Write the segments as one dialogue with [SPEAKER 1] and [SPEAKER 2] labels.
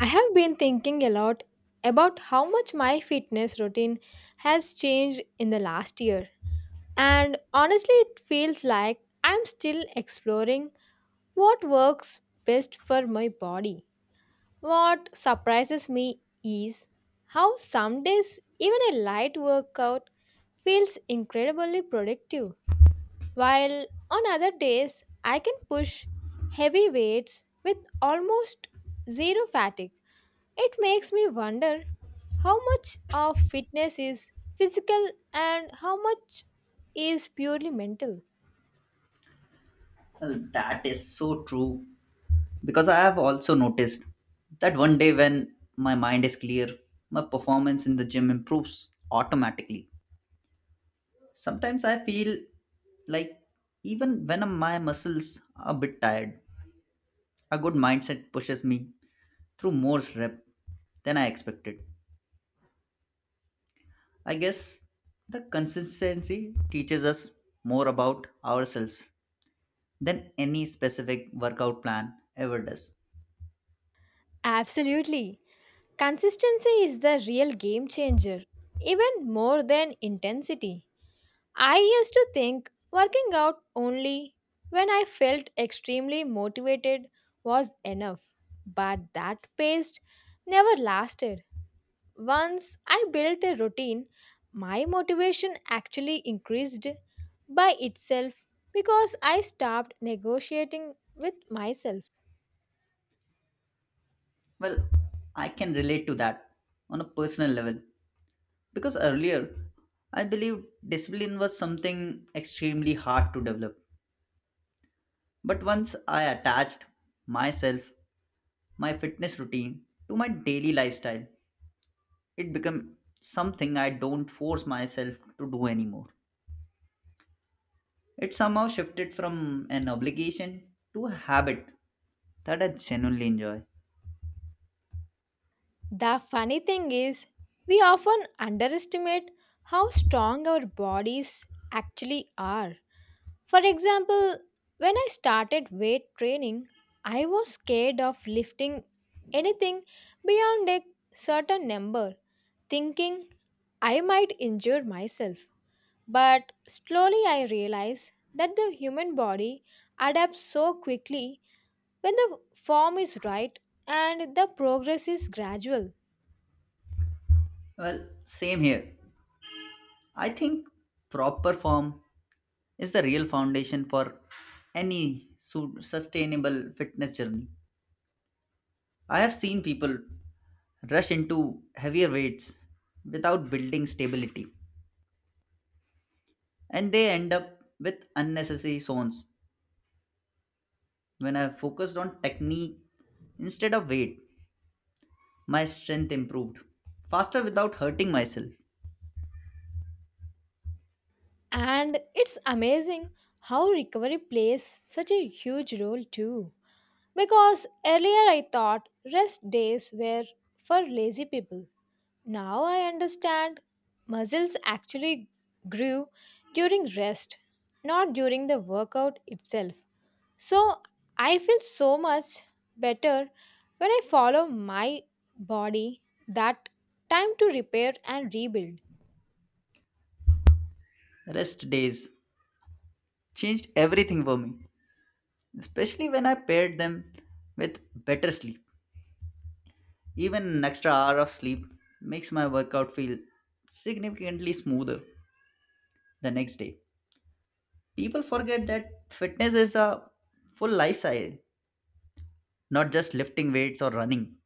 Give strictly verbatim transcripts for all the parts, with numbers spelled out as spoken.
[SPEAKER 1] I have been thinking a lot about how much my fitness routine has changed in the last year. And honestly, it feels like I'm still exploring what works best for my body. What surprises me is how some days even a light workout feels incredibly productive, while on other days I can push heavy weights with almost zero fatigue. It makes me wonder how much of fitness is physical and how much is purely mental.
[SPEAKER 2] Well, that is so true because I have also noticed that one day when my mind is clear, my performance in the gym improves automatically. Sometimes I feel like even when my muscles are a bit tired, a good mindset pushes me through more rep than I expected. I guess the consistency teaches us more about ourselves than any specific workout plan ever does.
[SPEAKER 1] Absolutely. Consistency is the real game changer, even more than intensity. I used to think working out only when I felt extremely motivated was enough, but that pace never lasted. Once I built a routine, my motivation actually increased by itself because I stopped negotiating with myself.
[SPEAKER 2] Well, I can relate to that on a personal level because earlier I believed discipline was something extremely hard to develop. But once I attached myself, my fitness routine to my daily lifestyle, it became something I don't force myself to do anymore. It somehow shifted from an obligation to a habit that I genuinely enjoy.
[SPEAKER 1] The funny thing is, we often underestimate how strong our bodies actually are. For example, when I started weight training, I was scared of lifting anything beyond a certain number, thinking I might injure myself. But slowly I realized that the human body adapts so quickly when the form is right and the progress is gradual.
[SPEAKER 2] Well, same here. I think proper form is the real foundation for any su- sustainable fitness journey. I have seen people rush into heavier weights without building stability, and they end up with unnecessary zones. When I focused on technique instead of weight, my strength improved faster without hurting myself.
[SPEAKER 1] And it's amazing how recovery plays such a huge role too. Because earlier I thought rest days were for lazy people. Now I understand muscles actually grew during rest, not during the workout itself. So I feel so much better when I follow my body that time to repair and rebuild.
[SPEAKER 2] Rest days changed everything for me, especially when I paired them with better sleep. Even an extra hour of sleep makes my workout feel significantly smoother the next day. People forget that fitness is a full lifestyle, not just lifting weights or running.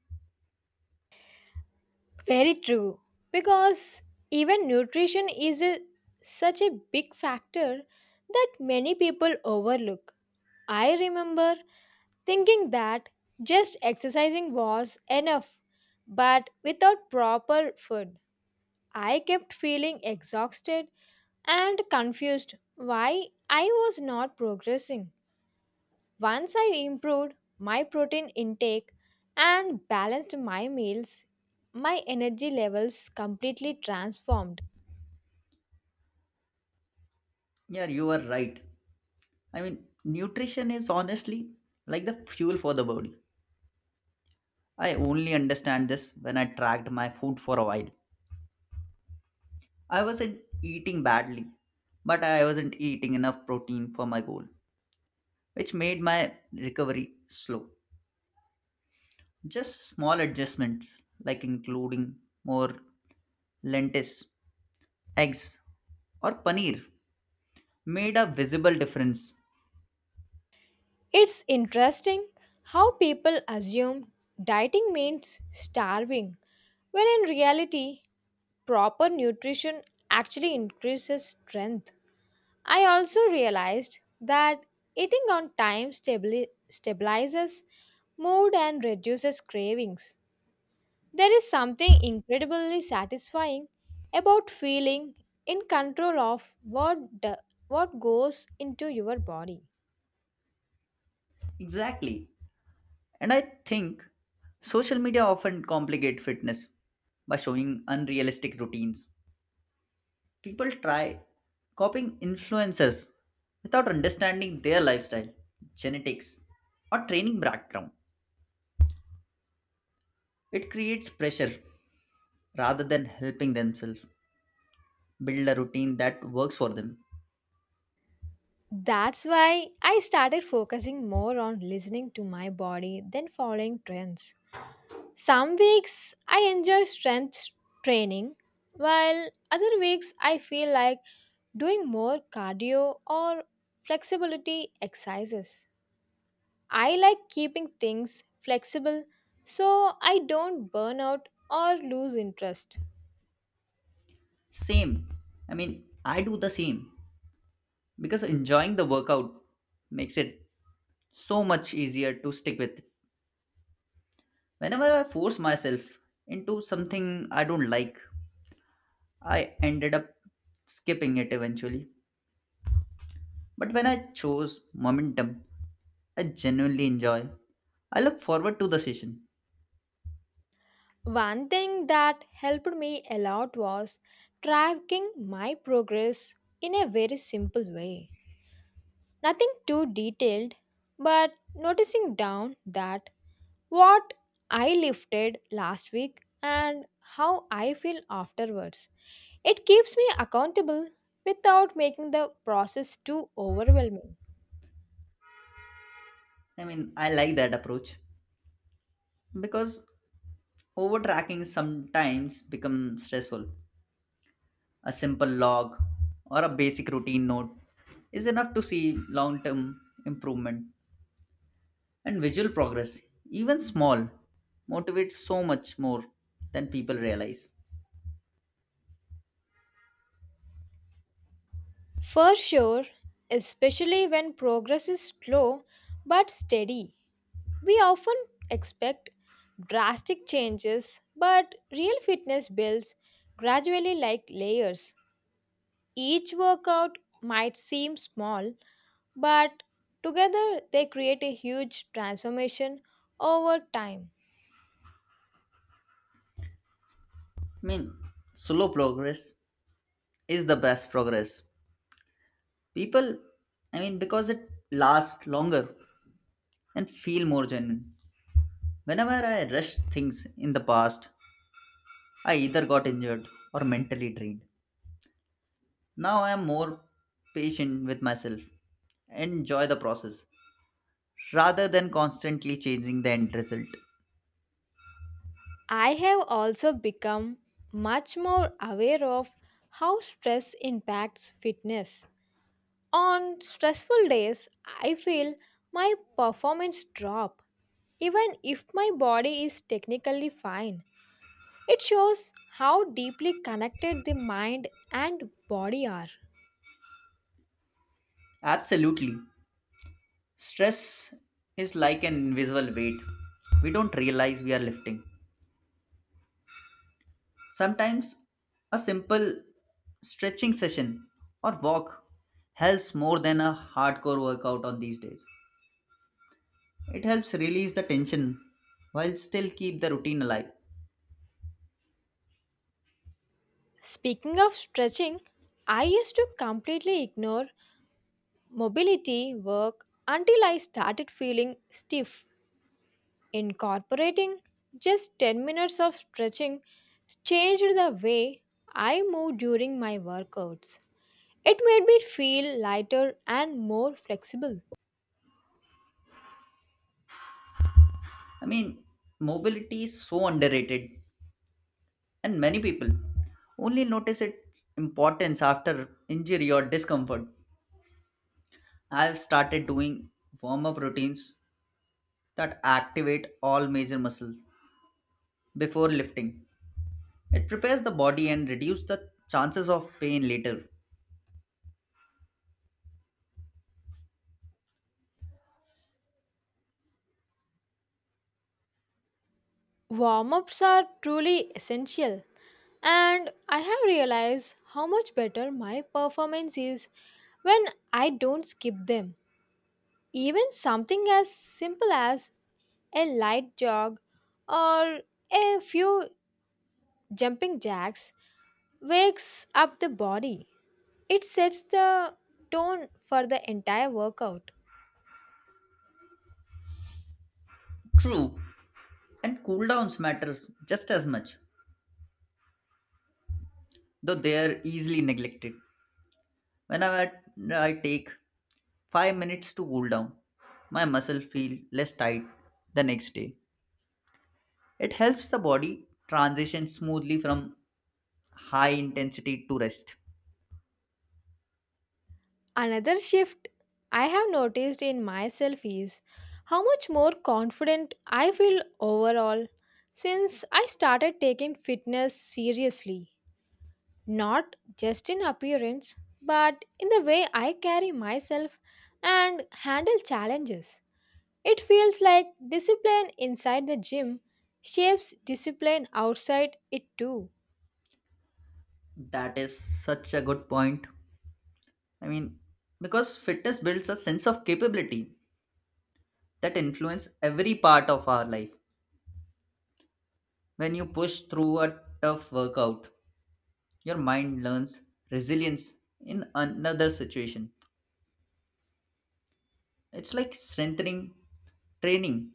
[SPEAKER 1] Very true. Because even nutrition is a, such a big factor that many people overlook. I remember thinking that just exercising was enough, but without proper food, I kept feeling exhausted and confused why I was not progressing. Once I improved my protein intake and balanced my meals, my energy levels completely transformed.
[SPEAKER 2] Yeah, you are right. I mean, nutrition is honestly like the fuel for the body. I only understand this when I tracked my food for a while. I wasn't eating badly, but I wasn't eating enough protein for my goal, which made my recovery slow. Just small adjustments like including more lentils, eggs, or paneer made a visible difference.
[SPEAKER 1] It's interesting how people assume dieting means starving, when in reality, proper nutrition actually increases strength. I also realized that eating on time stabili- stabilizes mood and reduces cravings. There is something incredibly satisfying about feeling in control of what, do- what goes into your body.
[SPEAKER 2] Exactly. And I think social media often complicate fitness by showing unrealistic routines. People try copying influencers without understanding their lifestyle, genetics, or training background. It creates pressure rather than helping themselves build a routine that works for them.
[SPEAKER 1] That's why I started focusing more on listening to my body than following trends. Some weeks I enjoy strength training, while other weeks I feel like doing more cardio or flexibility exercises. I like keeping things flexible so I don't burn out or lose interest.
[SPEAKER 2] Same. I mean, I do the same because enjoying the workout makes it so much easier to stick with. Whenever I force myself into something I don't like, I ended up skipping it eventually. But when I chose momentum, I genuinely enjoy. I look forward to the session.
[SPEAKER 1] One thing that helped me a lot was tracking my progress in a very simple way. Nothing too detailed, but noticing down that what I lifted last week and how I feel afterwards. It keeps me accountable without making the process too overwhelming.
[SPEAKER 2] I mean, I like that approach because overtracking sometimes becomes stressful. A simple log or a basic routine note is enough to see long term improvement, and visual progress, even small, motivates so much more than people realize.
[SPEAKER 1] For sure, especially when progress is slow but steady, we often expect drastic changes, but real fitness builds gradually like layers. Each workout might seem small, but together they create a huge transformation over time.
[SPEAKER 2] I mean, slow progress is the best progress. People, I mean, because it lasts longer and feel more genuine. Whenever I rushed things in the past, I either got injured or mentally drained. Now I am more patient with myself and enjoy the process rather than constantly changing the end result.
[SPEAKER 1] I have also become much more aware of how stress impacts fitness. On stressful days, I feel my performance drop. Even if my body is technically fine, it shows how deeply connected the mind and body are.
[SPEAKER 2] Absolutely. Stress is like an invisible weight. We don't realize we are lifting. Sometimes a simple stretching session or walk helps more than a hardcore workout on these days. It helps release the tension while still keep the routine alive.
[SPEAKER 1] Speaking of stretching, I used to completely ignore mobility work until I started feeling stiff. Incorporating just ten minutes of stretching changed the way I move during my workouts. It made me feel lighter and more flexible.
[SPEAKER 2] I mean, mobility is so underrated, and many people only notice its importance after injury or discomfort. I've started doing warm up routines that activate all major muscles before lifting. It prepares the body and reduces the chances of pain later.
[SPEAKER 1] Warm ups are truly essential, and I have realized how much better my performance is when I don't skip them. Even something as simple as a light jog or a few jumping jacks wakes up the body. It sets the tone for the entire workout.
[SPEAKER 2] True, and cool downs matters just as much, though they are easily neglected. Whenever I take five minutes to cool down, my muscle feel less tight the next day. It helps the body transition smoothly from high intensity to rest.
[SPEAKER 1] Another shift I have noticed in myself is how much more confident I feel overall since I started taking fitness seriously, not just in appearance, but in the way I carry myself and handle challenges. It feels like discipline inside the gym shapes discipline outside it too.
[SPEAKER 2] That is such a good point. I mean, because fitness builds a sense of capability that influence every part of our life. When you push through a tough workout, your mind learns resilience in another situation. It's like strengthening training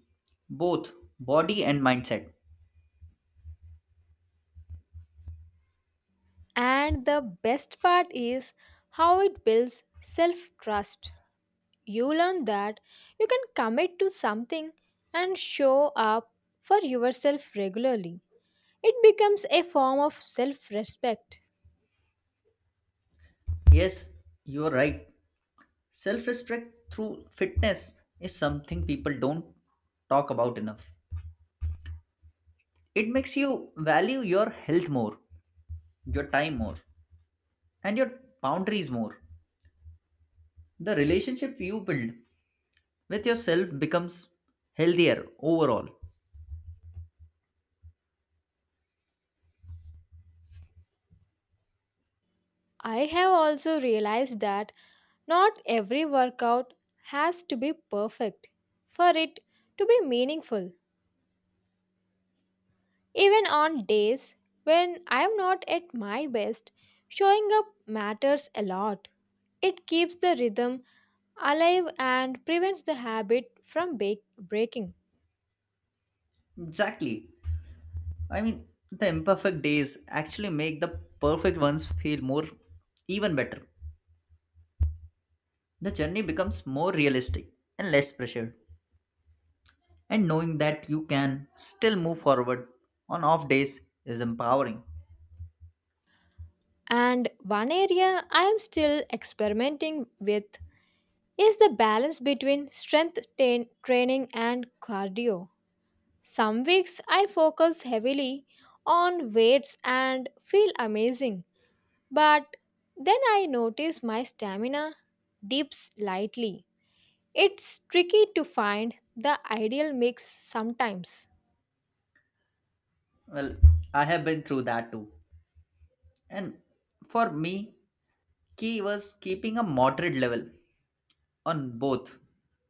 [SPEAKER 2] both body and mindset.
[SPEAKER 1] And the best part is how it builds self trust. You learn that you can commit to something and show up for yourself regularly. It becomes a form of self respect.
[SPEAKER 2] Yes, you're right. Self respect through fitness is something people don't talk about enough. It makes you value your health more, your time more, and your boundaries more. The relationship you build with yourself becomes healthier overall.
[SPEAKER 1] I have also realized that not every workout has to be perfect for it to be meaningful. Even on days when I am not at my best, showing up matters a lot. It keeps the rhythm alive and prevents the habit from bake- breaking.
[SPEAKER 2] Exactly. I mean, the imperfect days actually make the perfect ones feel more, even better. The journey becomes more realistic and less pressured. And knowing that you can still move forward on off days is empowering.
[SPEAKER 1] And one area I am still experimenting with is the balance between strength tain- training and cardio. Some weeks I focus heavily on weights and feel amazing, but then I notice my stamina dips slightly. It's tricky to find the ideal mix sometimes.
[SPEAKER 2] Well, I have been through that too. And for me, key was keeping a moderate level on both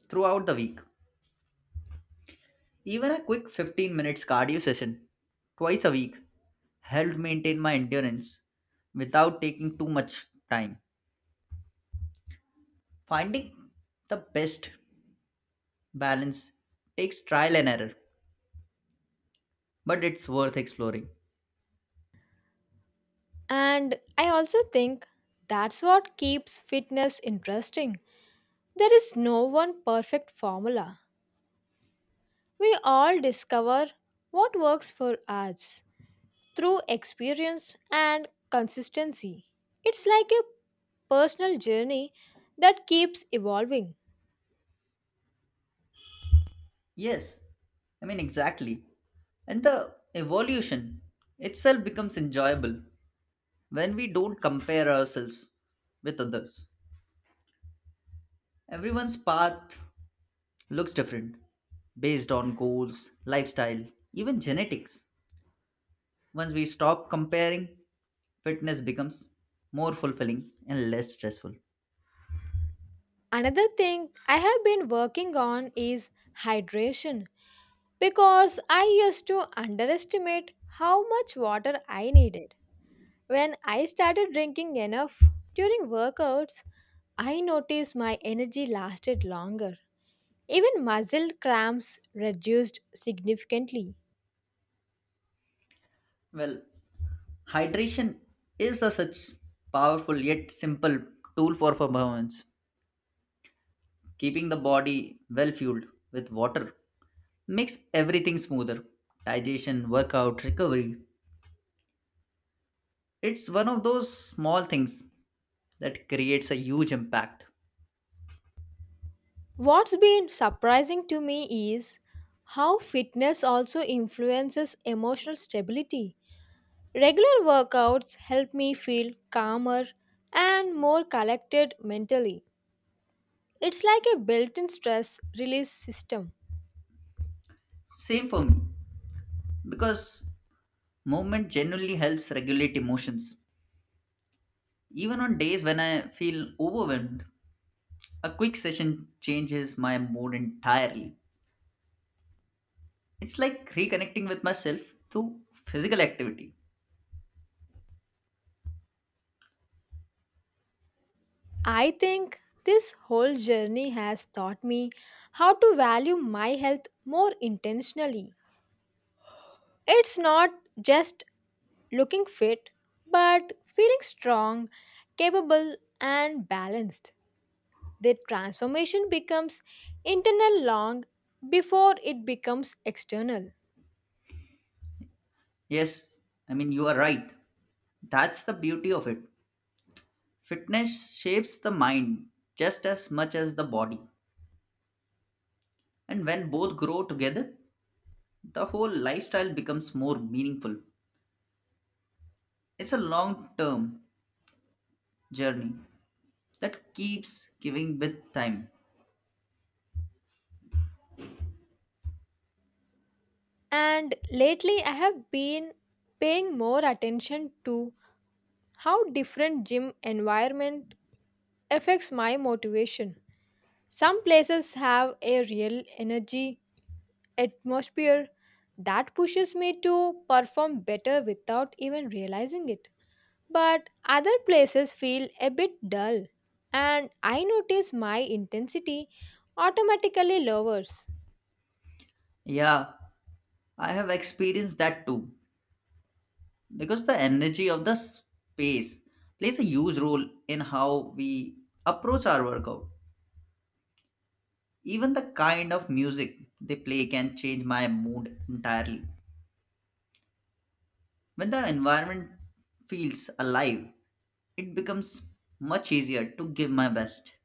[SPEAKER 2] throughout the week. Even a quick fifteen minutes cardio session twice a week helped maintain my endurance without taking too much time. Finding the best balance takes trial and error, but it's worth exploring.
[SPEAKER 1] And I also think that's what keeps fitness interesting. There is no one perfect formula. We all discover what works for us through experience and consistency. It's like a personal journey that keeps evolving.
[SPEAKER 2] Yes, I mean, exactly. And the evolution itself becomes enjoyable when we don't compare ourselves with others. Everyone's path looks different based on goals, lifestyle, even genetics. Once we stop comparing, fitness becomes more fulfilling and less stressful.
[SPEAKER 1] Another thing I have been working on is hydration because I used to underestimate how much water I needed. When I started drinking enough during workouts, I noticed my energy lasted longer. Even muscle cramps reduced significantly.
[SPEAKER 2] Well, hydration is a such powerful yet simple tool for performance. Keeping the body well fueled with water makes everything smoother. Digestion, workout, recovery. It's one of those small things that creates a huge impact.
[SPEAKER 1] What's been surprising to me is how fitness also influences emotional stability. Regular workouts help me feel calmer and more collected mentally. It's like a built in stress release system.
[SPEAKER 2] Same for me because movement genuinely helps regulate emotions. Even on days when I feel overwhelmed, a quick session changes my mood entirely. It's like reconnecting with myself through physical activity.
[SPEAKER 1] I think this whole journey has taught me how to value my health more intentionally. It's not just looking fit, but feeling strong, capable, and balanced. The transformation becomes internal long before it becomes external.
[SPEAKER 2] Yes, I mean, you are right. That's the beauty of it. Fitness shapes the mind just as much as the body. And when both grow together, the whole lifestyle becomes more meaningful. It's a long term journey that keeps giving with time.
[SPEAKER 1] And lately, I have been paying more attention to how different gym environment affects my motivation. Some places have a real energy atmosphere that pushes me to perform better without even realizing it. But other places feel a bit dull, and I notice my intensity automatically lowers.
[SPEAKER 2] Yeah, I have experienced that too, because the energy of the space plays a huge role in how we approach our workout. Even the kind of music they play can change my mood entirely. When the environment feels alive, it becomes much easier to give my best.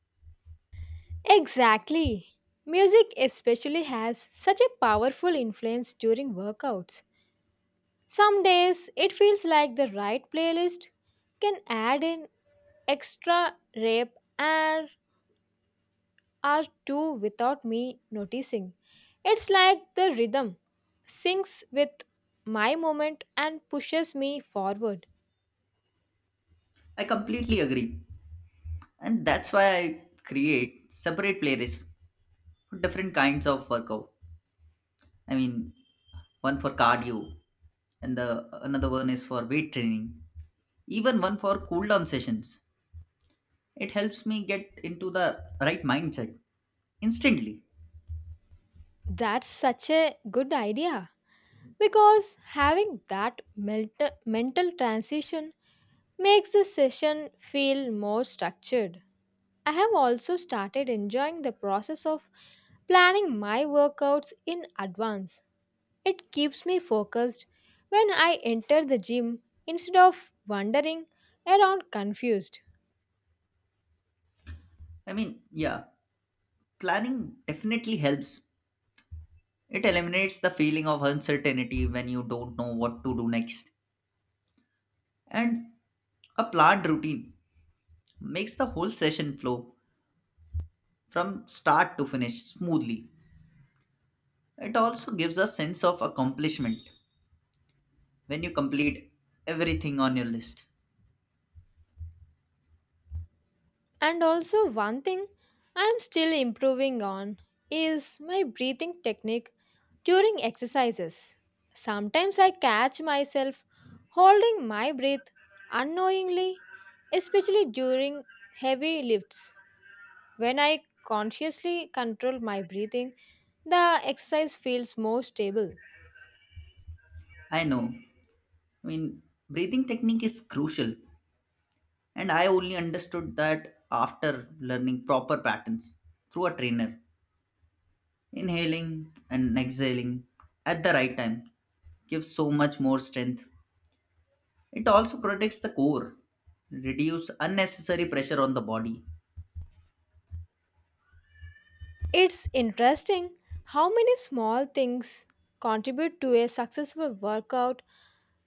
[SPEAKER 1] Exactly. Music especially has such a powerful influence during workouts. Some days it feels like the right playlist can add an extra rep and are too without me noticing. It's like the rhythm syncs with my moment and pushes me forward.
[SPEAKER 2] I completely agree, and that's why I create separate playlists for different kinds of workout. I mean, one for cardio, and the another one is for weight training, even one for cool down sessions. It helps me get into the right mindset instantly.
[SPEAKER 1] That's such a good idea because having that mental, mental transition makes the session feel more structured. I have also started enjoying the process of planning my workouts in advance. It keeps me focused when I enter the gym instead of wandering around confused.
[SPEAKER 2] I mean, yeah, planning definitely helps. It eliminates the feeling of uncertainty when you don't know what to do next. And a planned routine makes the whole session flow from start to finish smoothly. It also gives a sense of accomplishment when you complete everything on your list.
[SPEAKER 1] And also, one thing I am still improving on is my breathing technique during exercises. Sometimes I catch myself holding my breath unknowingly, especially during heavy lifts. When I consciously control my breathing, the exercise feels more stable.
[SPEAKER 2] I know. I mean, breathing technique is crucial. And I only understood that after learning proper patterns through a trainer. Inhaling and exhaling at the right time gives so much more strength. It also protects the core, reduce unnecessary pressure on the body.
[SPEAKER 1] It's interesting how many small things contribute to a successful workout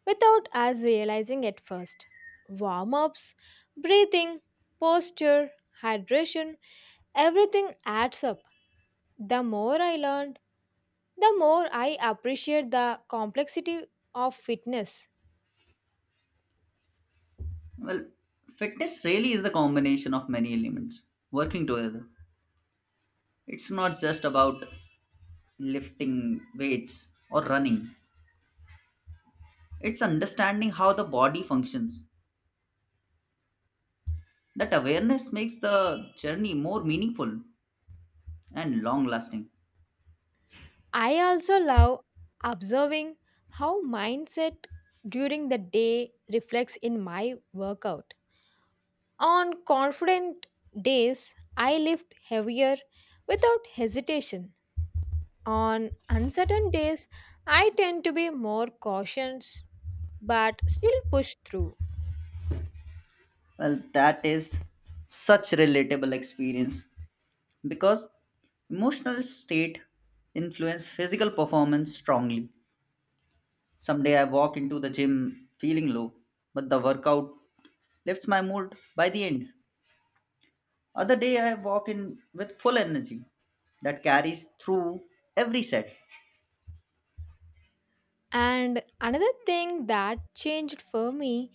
[SPEAKER 1] without us realizing at first. Warm ups, breathing, posture, hydration, everything adds up. The more I learned, the more I appreciate the complexity of fitness.
[SPEAKER 2] Well, fitness really is a combination of many elements working together. It's not just about lifting weights or running. It's understanding how the body functions. That awareness makes the journey more meaningful and long lasting.
[SPEAKER 1] I also love observing how mindset during the day reflects in my workout. On confident days, I lift heavier without hesitation. On uncertain days, I tend to be more cautious but still push through.
[SPEAKER 2] Well, that is such relatable experience because emotional state influence physical performance strongly. Someday I walk into the gym feeling low, but the workout lifts my mood by the end. Other day I walk in with full energy that carries through every set.
[SPEAKER 1] And another thing that changed for me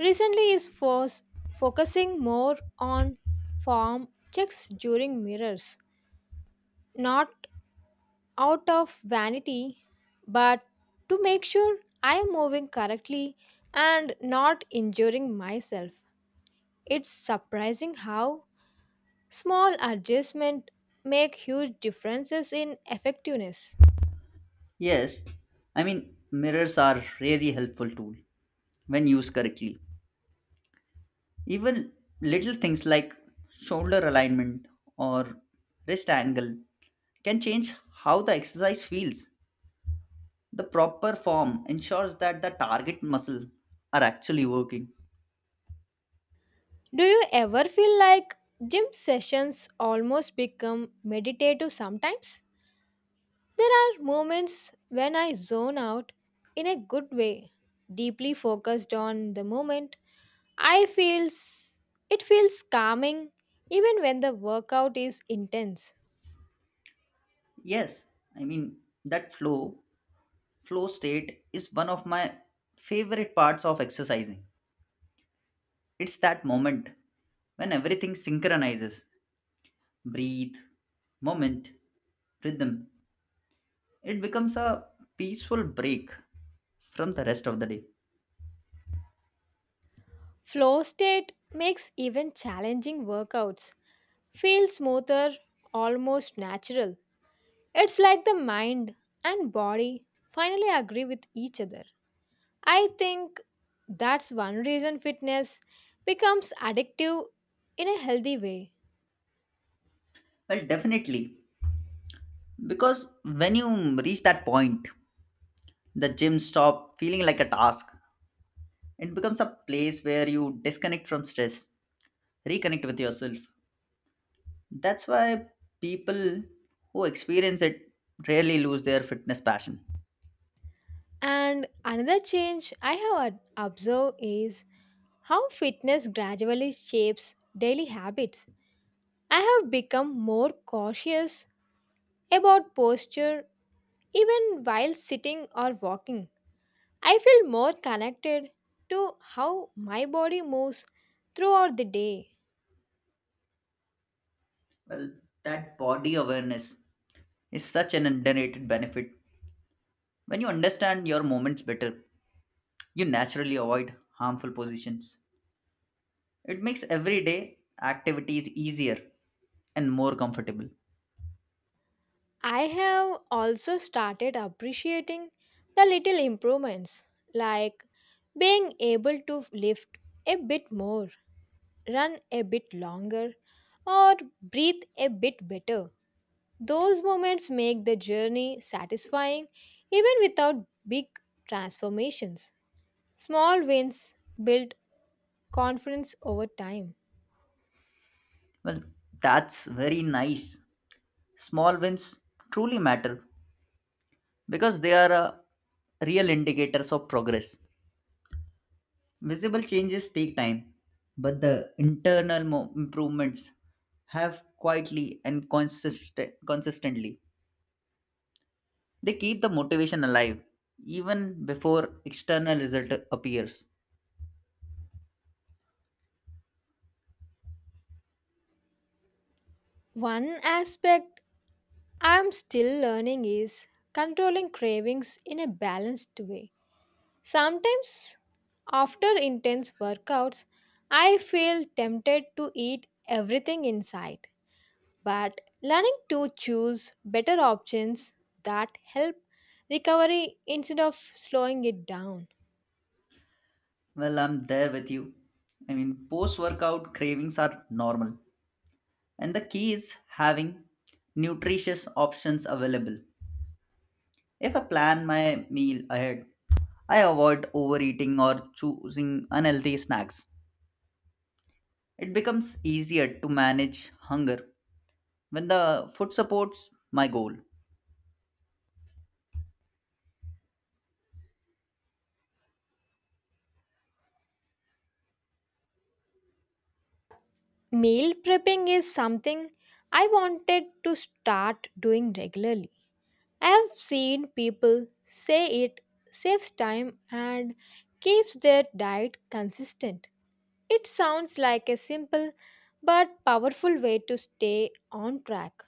[SPEAKER 1] recently is fos- focusing more on form checks during mirrors, not out of vanity, but to make sure I am moving correctly and not injuring myself. It's surprising how small adjustments make huge differences in effectiveness.
[SPEAKER 2] Yes, I mean mirrors are really helpful tool when used correctly. Even little things like shoulder alignment or wrist angle can change how the exercise feels. The proper form ensures that the target muscle are actually working.
[SPEAKER 1] Do you ever feel like gym sessions almost become meditative sometimes? There are moments when I zone out in a good way, deeply focused on the moment I feels it feels calming even when the workout is intense.
[SPEAKER 2] Yes, I mean that flow flow state is one of my favorite parts of exercising. It's that moment when everything synchronizes. Breathe, moment, rhythm. It becomes a peaceful break from the rest of the day.
[SPEAKER 1] Flow state makes even challenging workouts feel smoother, almost natural. It's like the mind and body finally agree with each other. I think that's one reason fitness becomes addictive in a healthy way.
[SPEAKER 2] Well, definitely. Because when you reach that point, the gym stop feeling like a task. It becomes a place where you disconnect from stress, reconnect with yourself. That's why people who experience it rarely lose their fitness passion.
[SPEAKER 1] And another change I have ob- observed is how fitness gradually shapes daily habits. I have become more cautious about posture even while sitting or walking. I feel more connected to how my body moves throughout the day.
[SPEAKER 2] Well, that body awareness is such an underrated benefit. When you understand your movements better, you naturally avoid harmful positions. It makes everyday activities easier and more comfortable.
[SPEAKER 1] I have also started appreciating the little improvements like being able to lift a bit more, run a bit longer, or breathe a bit better. Those moments make the journey satisfying even without big transformations. Small wins build confidence over time.
[SPEAKER 2] Well, that's very nice. Small wins truly matter because they are uh, real indicators of progress. Visible changes take time, but the internal mo- improvements have quietly and consistent- consistently. They keep the motivation alive even before external result appears.
[SPEAKER 1] One aspect I'm still learning is controlling cravings in a balanced way. Sometimes, after intense workouts, I feel tempted to eat everything in sight, but learning to choose better options that help recovery instead of slowing it down.
[SPEAKER 2] Well, I'm there with you. I mean, post workout cravings are normal, and the key is having nutritious options available. If I plan my meal ahead, I avoid overeating or choosing unhealthy snacks. It becomes easier to manage hunger when the food supports my goal.
[SPEAKER 1] Meal prepping is something I wanted to start doing regularly. I have seen people say it saves time and keeps their diet consistent. It sounds like a simple but powerful way to stay on track.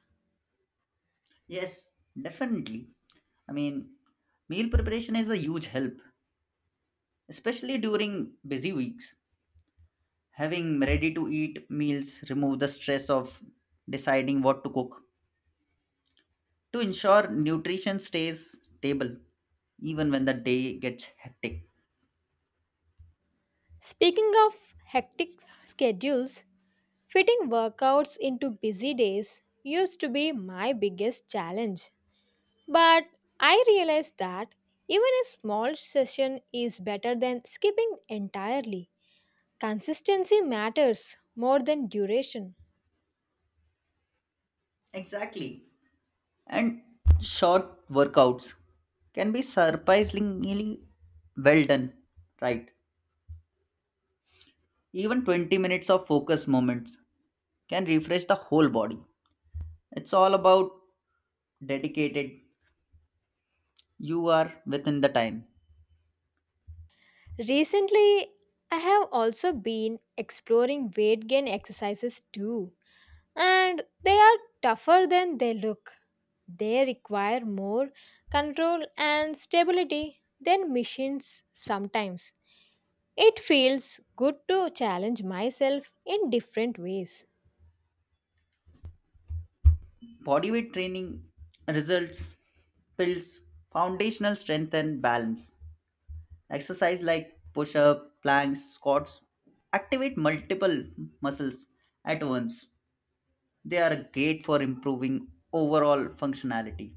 [SPEAKER 2] Yes, definitely. I mean, meal preparation is a huge help, especially during busy weeks. Having ready to eat meals remove the stress of deciding what to cook to ensure nutrition stays stable even when the day gets hectic.
[SPEAKER 1] Speaking of hectic schedules, fitting workouts into busy days used to be my biggest challenge, but I realized that even a small session is better than skipping entirely. Consistency matters more than duration.
[SPEAKER 2] Exactly. And short workouts can be surprisingly well done, right? Even twenty minutes of focus moments can refresh the whole body. It's all about dedicated you are within the time.
[SPEAKER 1] Recently, I have also been exploring weight gain exercises too, and they are tougher than they look. They require more control and stability than machines sometimes. It feels good to challenge myself in different ways.
[SPEAKER 2] Bodyweight training results builds foundational strength and balance. Exercise like push up, planks, squats activate multiple muscles at once. They are great for improving overall functionality.